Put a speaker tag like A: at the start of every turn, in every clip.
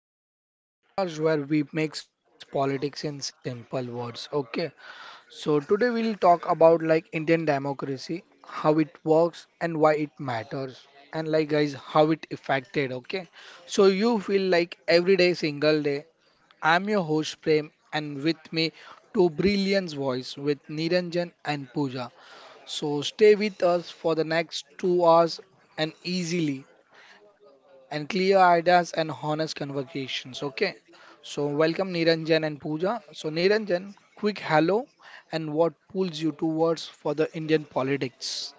A: Indian Talks, a podcast where we makes politics in simple words. Okay. So, today we'll talk about like Indian democracy, how it works and why it matters
B: Uh,
A: and like guys how it affected, okay? So, you feel like every day single day. I'm your host Prem and with me two brilliant voice with Niranjan and Pooja. So, stay with us for the next 2 hours and easily and clear ideas and honest conversations. Okay. So welcome Niranjan and Pooja. So Niranjan, quick hello and what pulls you towards for the Indian politics?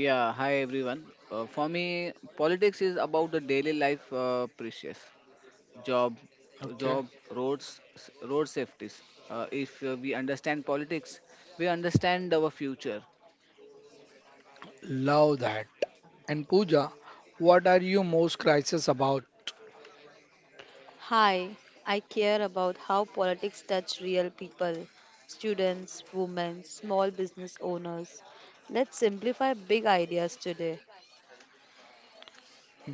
B: yeah, hi everyone. For me, politics is about the daily life, precious job, job,
A: Okay.
B: roads, road safeties. If we understand politics, we understand our future.
A: Love that. And Pooja, what are you most crisis about?
C: Hi, I care about how politics touch real people, students, women, small business owners. Let's simplify big ideas today.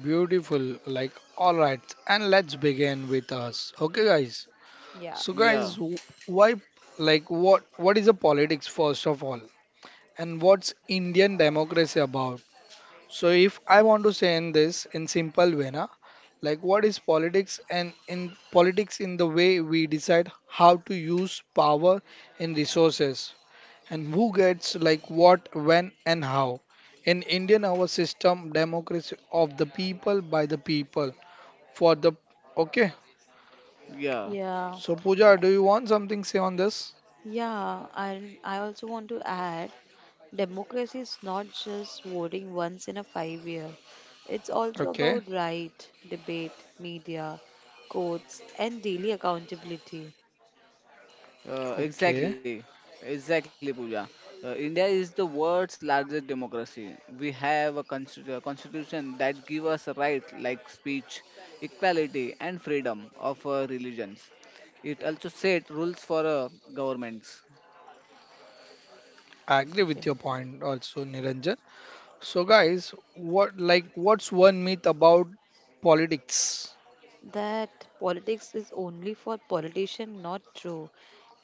A: Beautiful. Like, all right. And let's begin with us. Okay, guys.
C: Yeah.
A: So,
B: Yeah,
A: guys, why, like, what is the politics first of all, and what's Indian democracy about? So if I want to say in this in simple way, na, like what is politics and in politics in the way we decide how to use power and resources and who gets like what, when and how. In Indian our system democracy of the people by the people for the okay.
B: yeah.
C: Yeah.
A: So Pooja, do you want something say on this?
C: Yeah, and I also want to add democracy is not just voting once in a 5 year. It's also
A: Okay,
C: about right, debate, media, courts and daily accountability.
A: okay.
B: Exactly, exactly, Pooja. India is the world's largest democracy. We have a constitution that gives us rights like speech, equality, and freedom of religions. It also set rules for governments.
A: I agree with your point also, Niranjan. So guys, what like what's one myth about politics?
C: That politics is only for politicians, not true.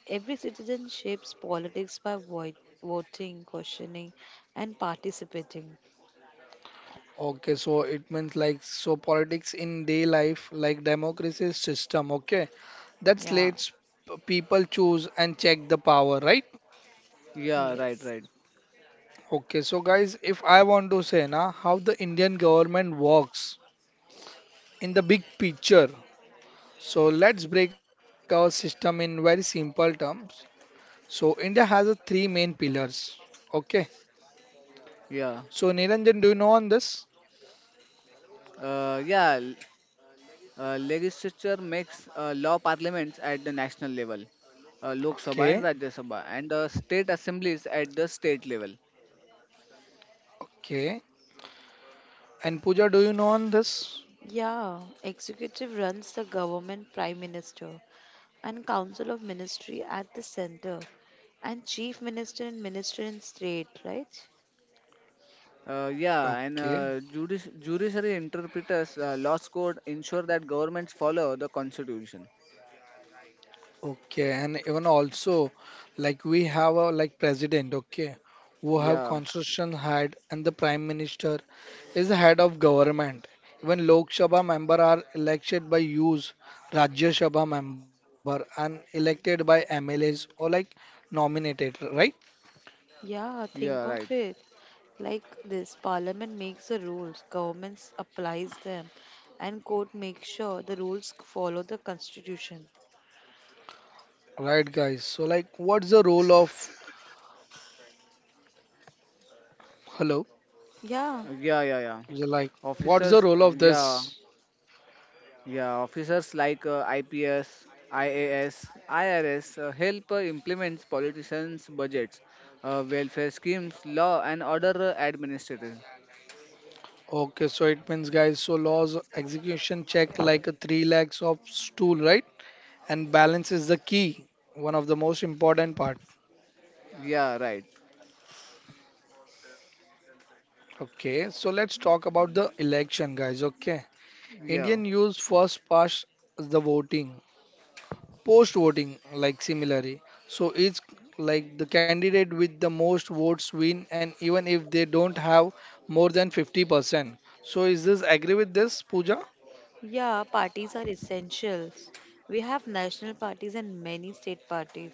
C: Every citizen shapes politics by voting, questioning, and participating.
A: Okay, so it means like so politics in day life like democracy system, okay? That
C: Yeah,
A: lets people choose and check the power, right?
B: Yeah,
C: yes.
B: right, right.
A: Okay, so guys, if I want to say now how the Indian government works in the big picture. So let's break our system in very simple terms. So India has a three main pillars. Okay. So
B: Yeah,
A: Niranjan, do you know on this?
B: yeah. Legislature makes law parliaments at the national level, Lok Sabha and
A: Okay.
B: Rajya Sabha, and state assemblies at the state level.
A: Okay. And Pooja, do you know on this?
C: Yeah, executive runs the government, prime minister, and council of ministry at the center, and chief minister and minister in state, right?
B: Yeah, and
A: Okay.
B: judiciary interpreters laws code ensure that governments follow the constitution.
A: Okay. And even also, like we have a like president, okay, who have
B: Yeah,
A: constitution head and the prime minister is the head of government. Even Lok Sabha member are elected by use Rajya Sabha member and elected by MLAs or like nominated, right?
C: Yeah,
B: yeah, right.
C: think of it like this. Parliament makes the rules, governments applies them, and court makes sure the rules follow the constitution.
A: Right, guys. So like what's the role of hello?
C: Yeah,
B: Yeah, yeah, yeah.
A: Like what's the
B: Officers,
A: role
B: uh,
A: of
B: yeah,
A: this?
B: yeah. Officers like IPS, help implement politicians' budgets, welfare schemes, law and order administrators.
A: Okay, so it means, guys, so laws execution check like a three lakhs of stool, right? And balance is the key, one of the most important part.
B: Yeah, right.
A: Okay, so let's talk about the election, guys. Okay,
B: Yeah.
A: Indian use first past the voting, post voting, like similarly. So it's like the candidate with the most votes win, and even if they don't have more than 50%. So is this agree with this, Pooja?
C: yeah, parties are essentials. We have national parties and many state parties.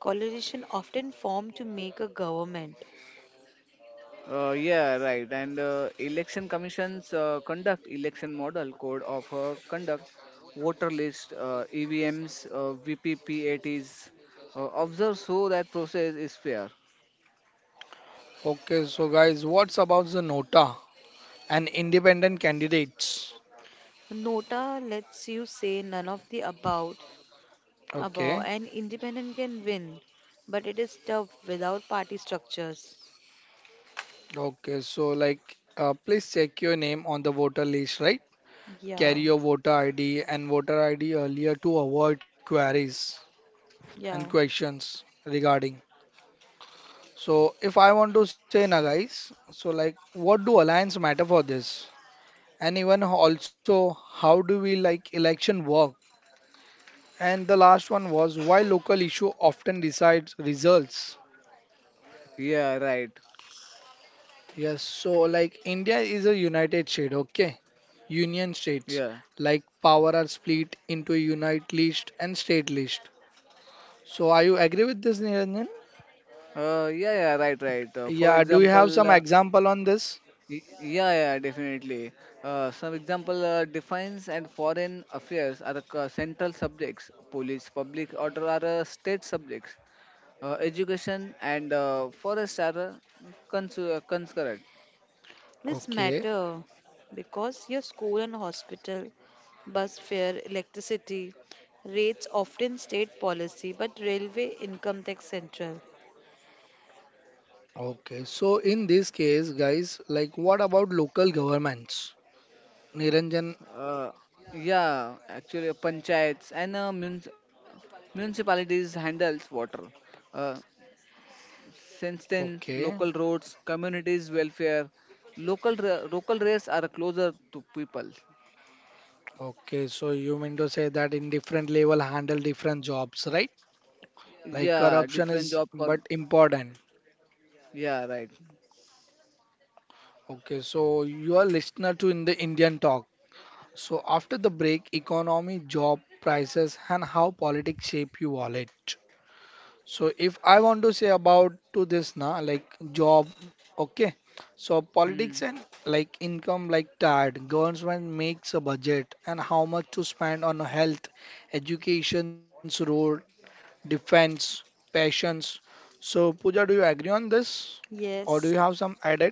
C: Coalition often form to make a government.
B: Yeah, right. And election commissions conduct election model code of conduct, voter list, EVMs, VPPATs. Observe so that process is fair.
A: Okay, so guys, what's about the nota? And independent candidates.
C: Nota lets you say none of the above. Above,
A: Okay.
C: and independent can win, but it is tough without party structures.
A: Okay. So, like, please check your name on the voter list, right? Carry
C: Yeah,
A: your voter ID and voter ID earlier to avoid queries and
C: yeah.
A: questions regarding. So, if I want to say now, guys, so like, what do alliance matter for this? And even also, how do we like election work? And the last one was why local issue often decides results.
B: Yeah, right.
A: Yes, so like India is a united state, okay? Union states
B: Yeah.
A: like power are split into unite list and state list. So are you agree with this, Niranjan?
B: Yeah, yeah, right, right. For
A: Yeah, do you have
B: example,
A: some example on this?
B: yeah, yeah, definitely. Some example defense and foreign affairs are the central subjects. Police, public order are state subjects. Education and forests are concurrent.
C: This
A: Okay,
C: matter because your school and hospital, bus fare, electricity rates often state policy, but railway income tax central.
A: okay. So in this case, guys, like what about local governments? Niranjan,
B: Uh, yeah, actually, panchayats and municipalities handles water. Uh, since then,
A: okay,
B: local roads, communities welfare, local rates are closer to people.
A: okay. So you mean to say that in different level handle different jobs, right? Like
B: Yeah,
A: corruption
B: different
A: is
B: job.
A: but important.
B: Yeah, right.
A: Okay, so you are listener to in the Indian talk. So after the break, economy, job, prices, and how politics shape your wallet. So if I want to say about to this now, like job, okay. So politics
B: Hmm.
A: and like income, like tired. Government makes a budget and how much to spend on health, education's road, defense, passions. So Pooja, do you agree on this, or do you
C: Yes.
A: have some added?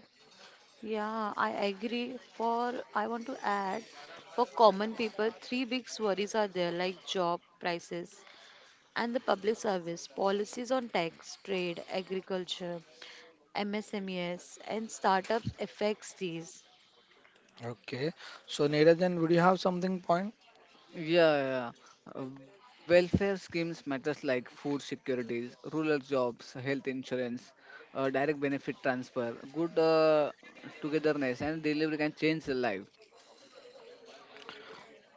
C: Yeah, I agree. For I want to add, for common people, three big worries are there like job prices and the public service policies on tax, trade, agriculture, MSMEs, and startups affects these.
A: Okay. So Neeraj, would you have something point?
B: Yeah, yeah. Welfare schemes matters like food securities, rural jobs, health insurance, direct benefit transfer, good togetherness, and delivery can change the life.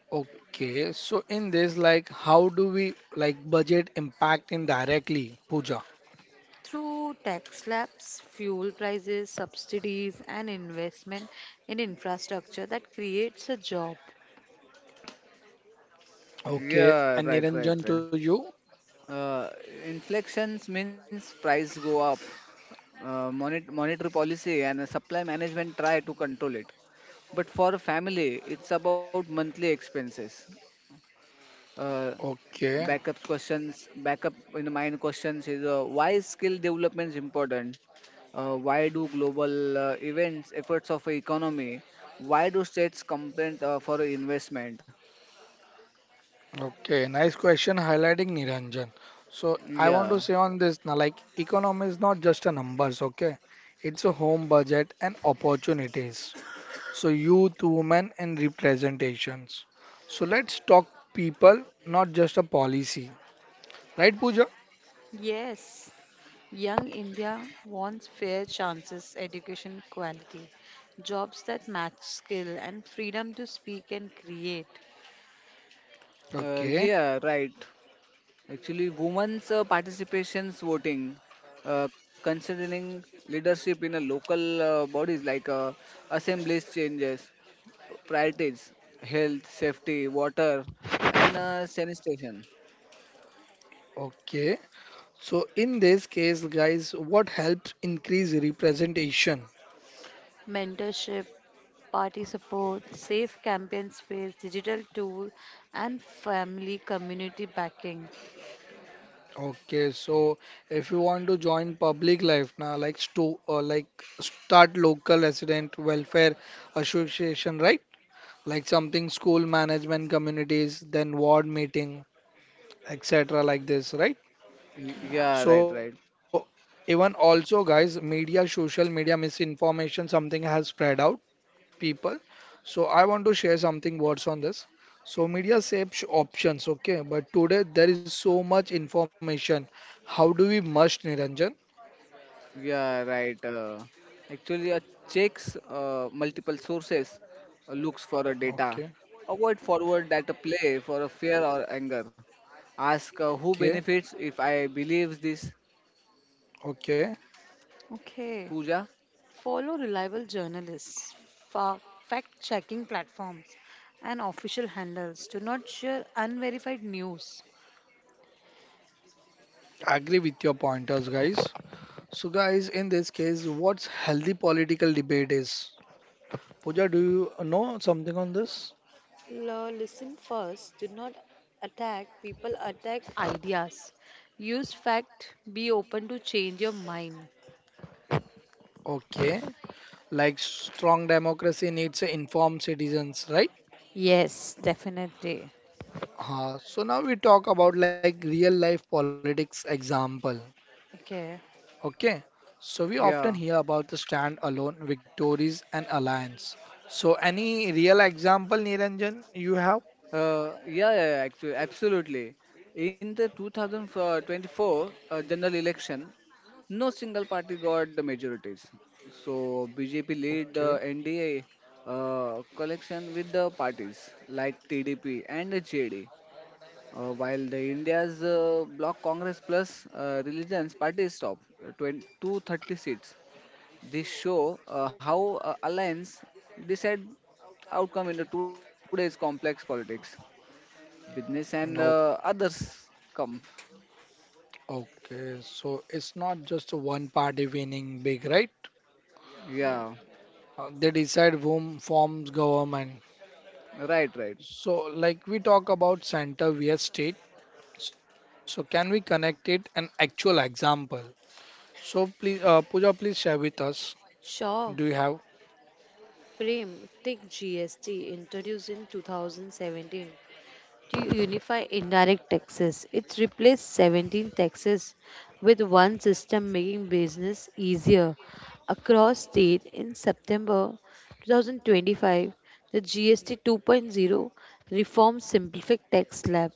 A: Okay, so in this, like, how do we like budget impact indirectly, Pooja?
C: Through tax slabs, fuel prices, subsidies, and investment in infrastructure that creates a job.
A: Okay, and
B: Yeah, right,
A: Niranjan
B: right,
A: to
B: right.
A: you.
B: Uh, Inflections means price go up. Monetary policy and supply management try to control it. But for a family, it's about monthly expenses. uh,
A: Okay,
B: Backup in mind questions is why skill development is important, why do global events efforts of economy, why do states compete for investment.
A: okay, nice question highlighting Niranjan. So I want
B: Yeah.
A: to say on this now, like, economy is not just a numbers. Okay, it's a home budget and opportunities. So youth, women, and representations. So let's talk people, not just a policy, right, Pooja?
C: Yes, young India wants fair chances, education quality, jobs that match skill, and freedom to speak and create.
A: Okay,
B: Yeah, right, actually women's participations voting, considering leadership in a local bodies like assemblies changes priorities: health, safety, water, and sanitation.
A: okay. So in this case, guys, what helps increase representation?
C: Mentorship, party support, safe campaign space, digital tool, and family community backing.
A: Okay, so if you want to join public life now, like sto like start local resident welfare association, right? Like something school management communities, then ward meeting, etc. like this, right?
C: Yeah,
B: Yeah, right,
A: So
B: right.
A: even also guys, media, social media misinformation, something has spread out people. So I want to share something words on this. So media saves options, okay, but today there is so much information. How do we must Niranjan?
B: Yeah, right. Actually, checks multiple sources, looks for a data,
A: Okay,
B: avoid forward that play for a fear or anger. Ask who
A: okay,
B: benefits if I believes this,
A: okay.
C: okay.
B: puja.
C: Follow reliable journalists, fact checking platforms, and official handles. Do not share unverified news.
A: Agree with your pointers, guys. So guys, in this case, what's healthy political debate is? Pooja, do you know something on this?
C: L- listen first. Do not attack. People attack ideas. Use fact. Be open to change your mind.
A: Okay, like strong democracy needs informed citizens, right?
C: Yes, definitely.
A: So now we talk about like real life politics example.
C: Okay.
A: Okay, so we often
B: Yeah.
A: hear about the stand-alone victories and alliance. So, any real example, Niranjan, you have?
B: Yeah, yeah, yeah, actually, absolutely. In the 2024 general election, no single party got the majorities. So BJP lead
A: Okay,
B: the NDA collection with the parties like TDP and the JD, while the India's bloc Congress plus religions parties top 20, 230 seats. This show how alliance decide outcome in the today's complex politics, business and
A: no,
B: others come.
A: okay. So it's not just a one party winning big, right?
C: Yeah.
B: Yeah,
A: They decide whom forms government.
B: right,
A: So,
B: right.
A: like we talk about center vs state. So, can we connect it an actual example? So, please, Pooja, please share with us. Do you
C: Sure.
A: have?
C: Frame. Take GST introduced in 2017 to unify indirect taxes. It replaced 17 taxes with one system, making business easier across state. In September 2025, the GST 2.0 reform simplified tax slab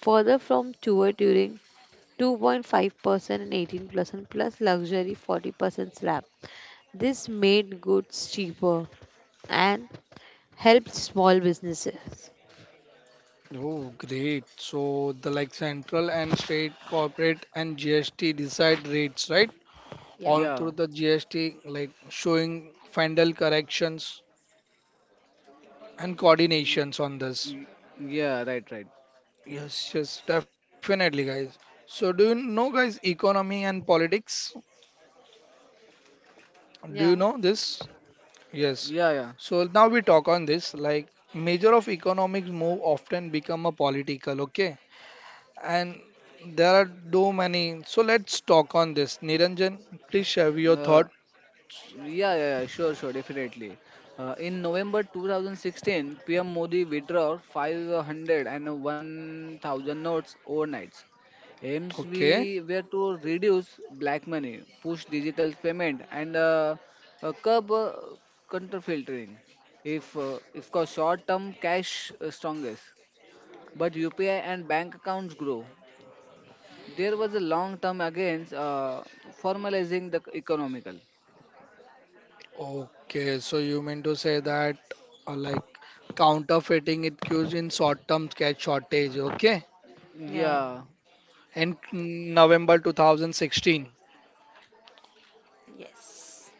C: further from tour during 2.5% and 18% plus luxury 40% slab. This made goods cheaper and helped small businesses.
A: Oh, great. So the like central and state corporate and GST decide rates, right?
C: Yeah,
A: All through the
B: Yeah,
A: GST, like showing final corrections and
B: Y-
A: coordinations on this.
B: y- yeah, right, right.
A: Yes, yes, definitely, guys. So do you know, guys, economy and politics? Do
C: yeah,
A: you know this? Yes.
B: Yeah,
A: So now we talk on this, like major of economics move often become a political, okay? And there are too many. So let's talk on this. Niranjan, please share
B: yeah.
A: your thought.
B: Yeah, yeah, yeah, sure, sure, definitely. In November 2016, PM Modi withdrew 501,000 notes overnight. Aims
A: Okay.
B: we were to reduce black money, push digital payment, and curb counterfeiting. If course, short-term cash strongest, but UPI and bank accounts grow. There was a long-term against formalizing the economical.
A: Okay. So you mean to say that like counterfeiting it cues in short-term cash shortage. Okay.
C: yeah.
B: Yeah,
A: In November 2016.
C: Yes.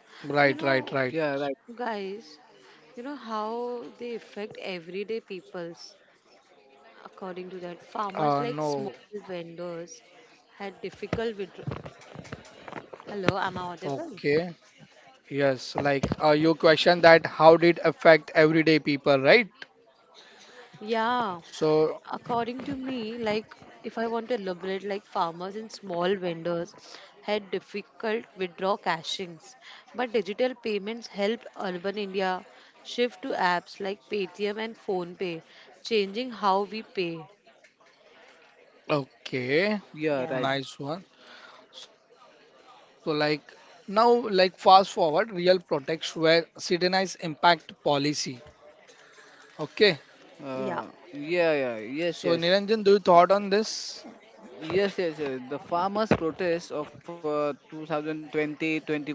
C: You
A: Right.
C: know,
A: Right.
B: yeah, right.
A: Right.
C: guys, you know how they affect everyday peoples. According to that, farmers
A: Uh,
C: like small
A: no.
C: vendors had difficult with. Hello, am I audible?
A: Okay. Yes. Like you question that how did affect everyday people, right?
C: Yeah,
A: So
C: according to me, like if I want to elaborate, like farmers and small vendors had difficult withdraw cashings, but digital payments helped urban India shift to apps like Paytm and PhonePe, changing how we pay.
A: okay.
B: Yeah,
C: Yeah,
B: right.
A: Nice one. So like now like fast forward real protects where citizens impact policy. Okay.
C: yeah,
B: Yeah, yeah,
A: So
B: yes,
A: Niranjan, do you
B: yes.
A: thought on this?
B: Yes, yes, yes. The farmers' protest of 2020-21.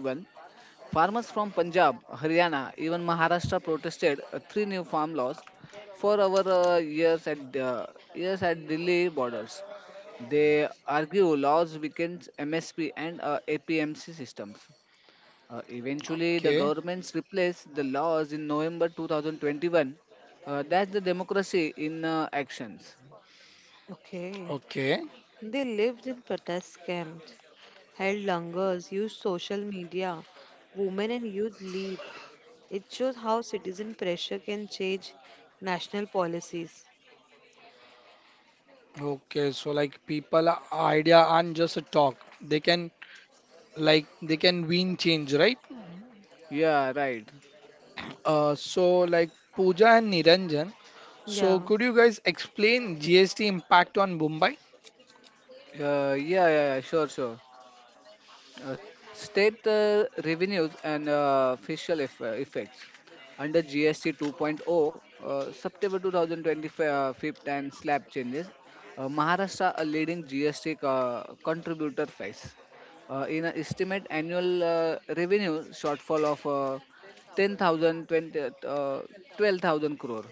B: Farmers from Punjab, Haryana, even Maharashtra protested three new farm laws for our years at Delhi borders. They argue laws weakens MSP and APMC systems. Eventually, the
A: Okay.
B: governments replaced the laws in November 2021. That's the democracy in actions.
C: okay.
A: Okay.
C: They lived in protest camps, held lungers, used social media. Women and youth lead. It shows how citizen pressure can change national policies.
A: Okay. So like people idea aren't just a talk. They can win change, right?
B: Yeah, right.
A: So like Pooja and Niranjan. So
C: Yeah,
A: could you guys explain GST impact on Mumbai?
B: Yeah, yeah, yeah, sure, sure. State revenues and fiscal effects under GST 2.0, September 2025 and slab changes. Maharashtra, a leading GST contributor, face in an estimate annual revenue shortfall of 10,000 20, 12,000 crore,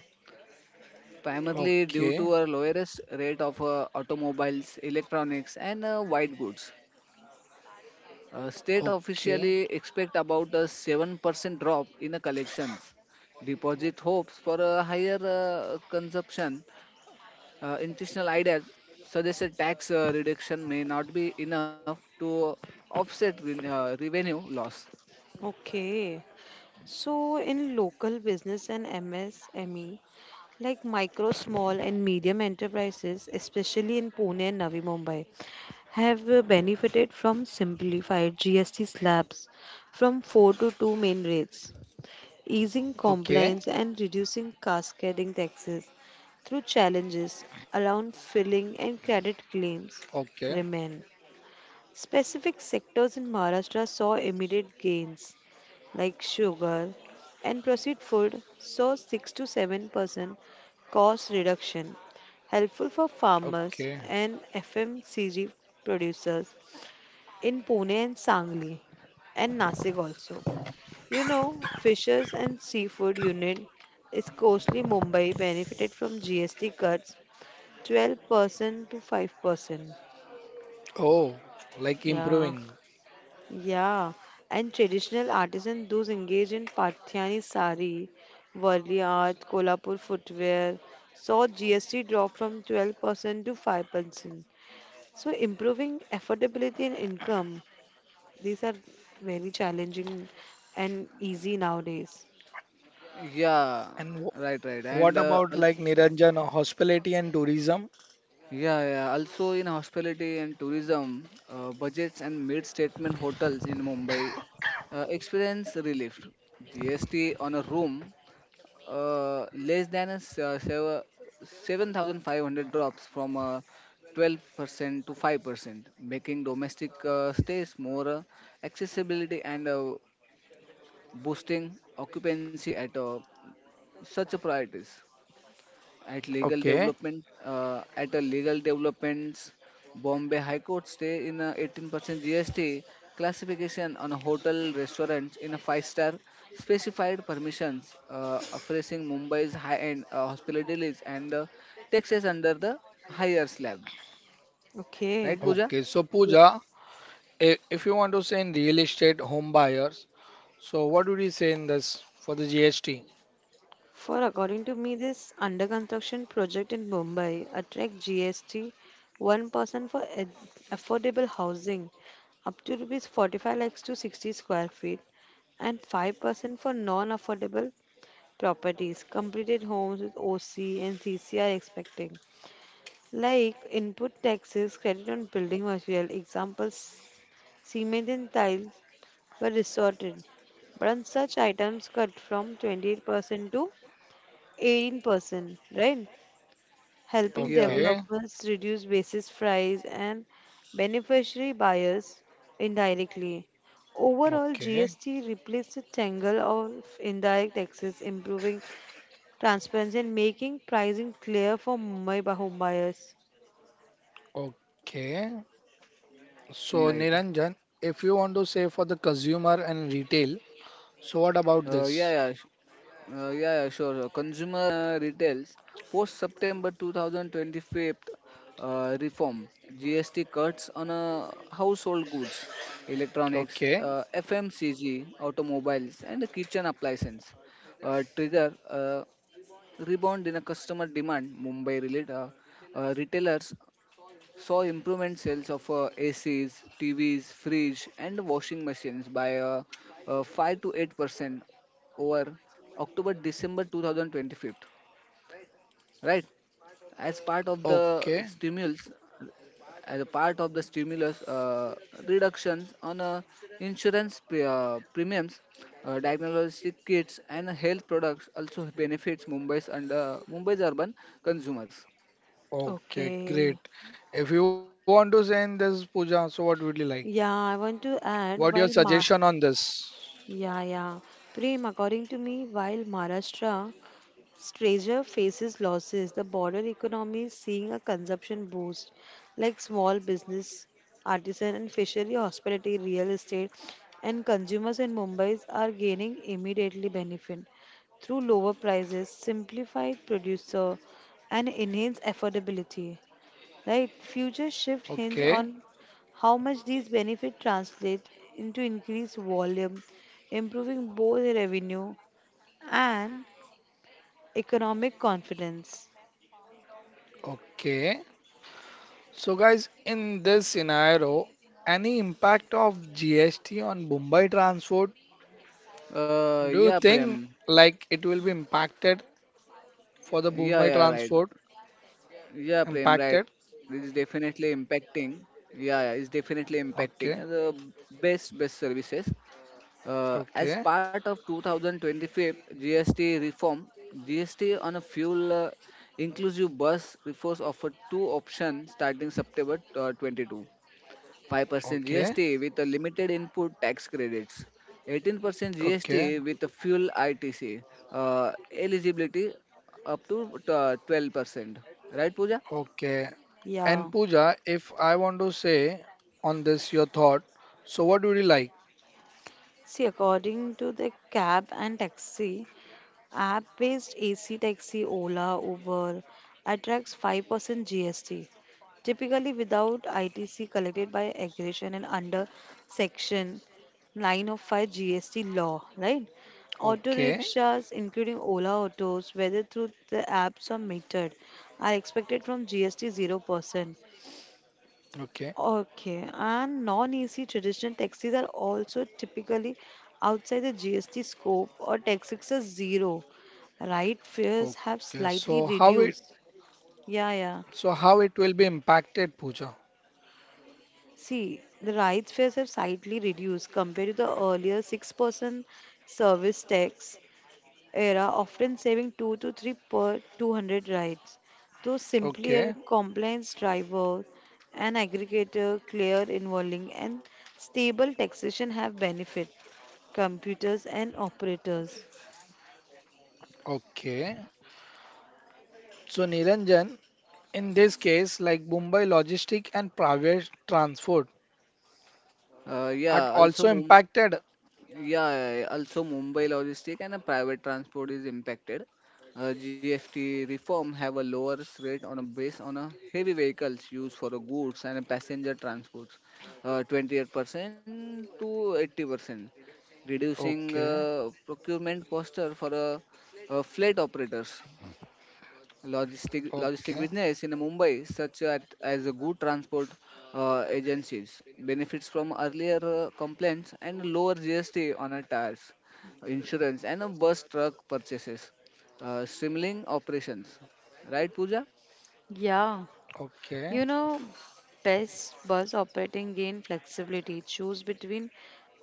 B: primarily due
A: Okay.
B: to a lowest rate of automobiles, electronics, and white goods. State
A: Okay.
B: officially expect about a 7% drop in the collections. Deposit hopes for a higher consumption. Institutional ideas suggest a tax reduction may not be enough to offset revenue loss.
C: okay. So, in local business and MSME, like micro, small, and medium enterprises, especially in Pune and Navi Mumbai, have benefited from simplified GST slabs from 4 to 2 main rates, easing
A: Okay.
C: compliance and reducing cascading taxes through challenges around filling and credit
A: Okay.
C: claims remain. Specific sectors in Maharashtra saw immediate gains like sugar and processed food saw 6 to 7% cost reduction helpful for
A: Okay.
C: farmers and FMCG producers in Pune and Sangli and Nasik also. You know, fishers and seafood unit is costly Mumbai benefited from GST cuts 12% to 5%.
A: Oh, like
C: Yeah,
A: improving.
C: yeah. And traditional artisans, those engaged in Pathyani sari, Varli art, Kolhapur footwear, saw GST drop from 12% to 5%. So improving affordability and income. These are very challenging and easy nowadays.
B: Yeah,
A: And
B: right, right. And
A: what about like Niranjan hospitality and tourism?
B: yeah, yeah, also in hospitality and tourism, budgets and mid-statement hotels in Mumbai experience relief. GST on a room less than a 7,500 drops from 12% to 5%, making domestic stays more accessibility and boosting occupancy at such a priorities.
A: Okay,
B: At a legal developments, Bombay High Court stay in a 18% GST classification on a hotel restaurants in a five-star specified permissions, phrasing Mumbai's high-end hospitalities and Texas under the higher slab.
C: Okay.
B: Right, Pooja? Right.
A: okay. So
C: Yeah.
A: Pooja, if you want to say in real estate home buyers, so what would you say in this for the GST?
C: For according to me, this under construction project in Mumbai attract GST 1% for affordable housing up to rupees 45 lakhs to 60 square feet and 5% for non-affordable properties completed homes with OC and CC are expecting like input taxes credit on building material examples cement and tile were resorted. But on such items cut from 28% to 18%, right? Helping
B: Yeah,
A: Okay,
C: developers reduce basis price and beneficiary buyers indirectly. Overall,
A: okay,
C: GST replaced the tangle of indirect taxes, improving transparency and making pricing clear for Mumbai home buyers.
A: okay. So
B: yeah,
A: Niranjan,
B: right.
A: if you want to say for the consumer and retail, so what about
B: Yeah,
A: this?
B: yeah, yeah, yeah, sure. Sure. Consumer
A: Okay, okay, okay.
C: Okay.
A: Great. If you want to say in this Pooja, so what would you like?
C: Yeah, I want to add
A: What your
C: while Ma,
A: suggestion on this?
C: yeah, yeah. Prem, according to me, while Maharashtra Stranger faces losses. The border economy is seeing a consumption boost, like small business, artisan and fishery, hospitality, real estate, and consumers in Mumbai are gaining immediately benefit through lower prices, simplified producer, and enhanced affordability. Right? Future shift hinge
A: Okay,
C: on how much these benefits translate into increased volume, improving both revenue and economic confidence.
A: okay. So guys, in this scenario, any impact of GST on Mumbai transport? Do you think like it will be impacted for the Mumbai transport? Impacted? Okay, okay, okay, okay, okay. And
C: Yeah.
A: Pooja, if I want to say on this your thought, so what would you like?
C: See, according to the cab and taxi, app based AC taxi, Ola, Uber attracts 5% GST, typically without ITC collected by aggregation and under section 9 of 5 GST law, right? Auto
A: Okay,
C: rickshaws, including Ola autos, whether through the apps or metered, are expected from GST 0%.
A: okay,
C: Okay, and non-EC traditional taxis are also typically outside the GST scope or taxes are zero. Right fares
A: okay.
C: have
A: So
C: slightly
A: how
C: reduced. Yeah, yeah.
A: So how it will be impacted, Pooja?
C: See, the right fares have slightly reduced compared to the earlier 6% service tax era, often saving 2 to 3 per 200 rides. So, simply a
A: Okay,
C: compliance driver, an aggregator, clear involving, and stable taxation have benefit computers and operators.
A: okay. So Niranjan, in this case, like Mumbai logistic and private transport are also impacted. Okay, okay,
C: Yeah,
A: okay.
C: you know, best bus operating gain flexibility. Choose between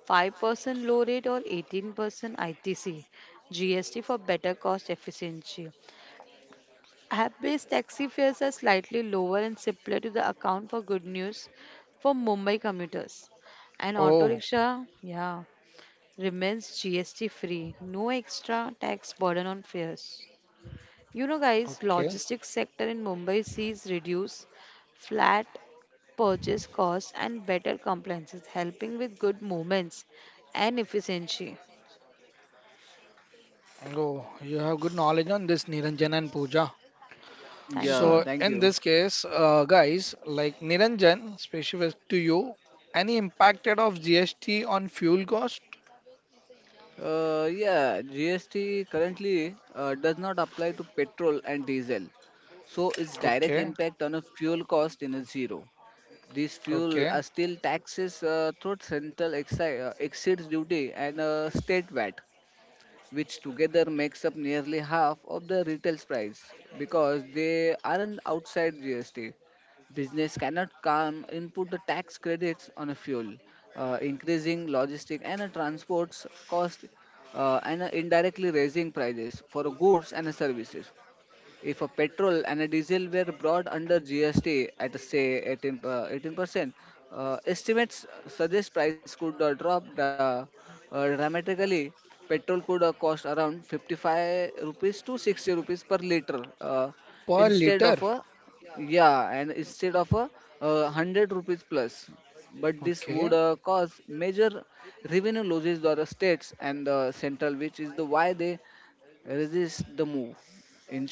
C: 5% low rate or 18% ITC GST for better cost efficiency. App-based taxi fares are slightly lower and simpler to the account for good news for Mumbai commuters. And auto
A: Oh,
C: rickshaw, yeah, remains GST free. No extra tax burden on fares. You know guys,
A: okay.
C: logistics sector in Mumbai sees reduced flat purchase costs and better compliances, helping with good movements and efficiency.
A: Oh, you have good knowledge on this, Niranjan and Pooja.
C: Thank you.
A: So in this case, guys, like Niranjan, specific to you, any impacted of GST on fuel cost? Okay, okay. Per liter. Okay,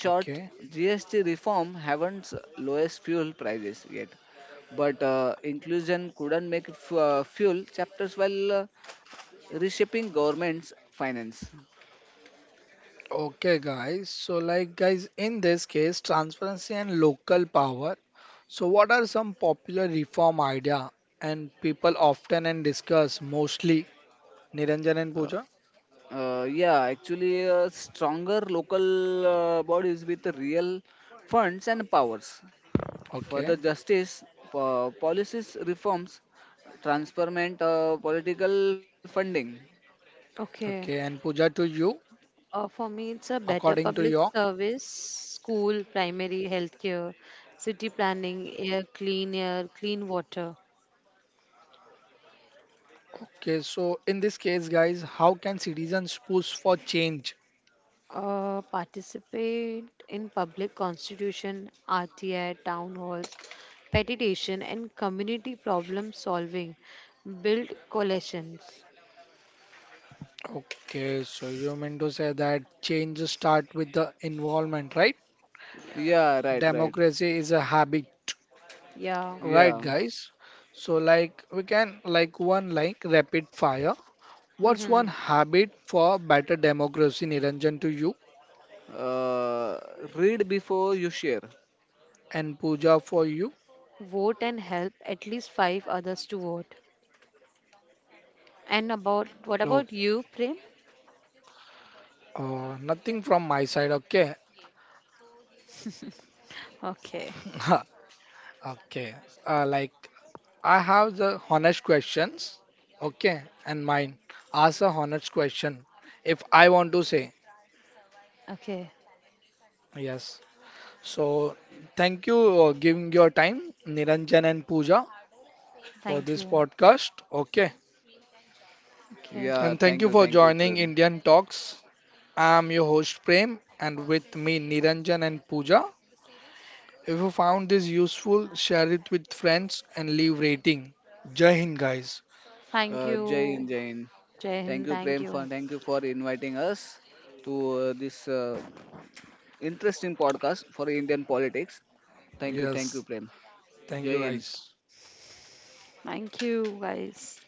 A: okay, okay, guys. So, like, guys, in this case, transparency and local power. So, what are some popular reform idea and people often and discuss mostly? Niranjan and Pooja. Okay, okay,
C: Okay.
A: and Pooja to you,
C: For me, it's a better
A: according to
C: public
A: your.
C: service, school, primary, healthcare, city planning, air, clean water.
A: Okay, so in this case, guys, how can citizens push for change?
C: Participate in public constitution, RTI, town halls, petition, and community problem solving. Build coalitions.
A: Okay, so you mean to say that change start with the involvement, right? Democracy is a habit.
C: Yeah.
A: Right, guys. So, like, we can, like, one, like, rapid fire. What's
C: Hmm.
A: one habit for better democracy, Niranjan, to you and Pooja for you?
C: Vote and help at least 5 others to vote. And about what
A: Oh,
C: about you, Prem?
A: nothing from my side, okay?
C: Okay.
A: Okay. Like, I have the honest questions, okay? And mine. Ask a honest question if I want to say
C: Okay.
A: yes. So, thank you giving your time, Niranjan and Pooja, for
C: Thank
A: this
C: you.
A: podcast, okay?
C: Okay.
A: And thank you for joining Indian Talks. I'm your host Prem and with me Niranjan and Pooja. If you found this useful, share it with friends and leave rating. Jai Hind guys.
C: Thank you, Jai Hind. Thank you.
A: Yes, thank you guys.
C: Thank you, guys.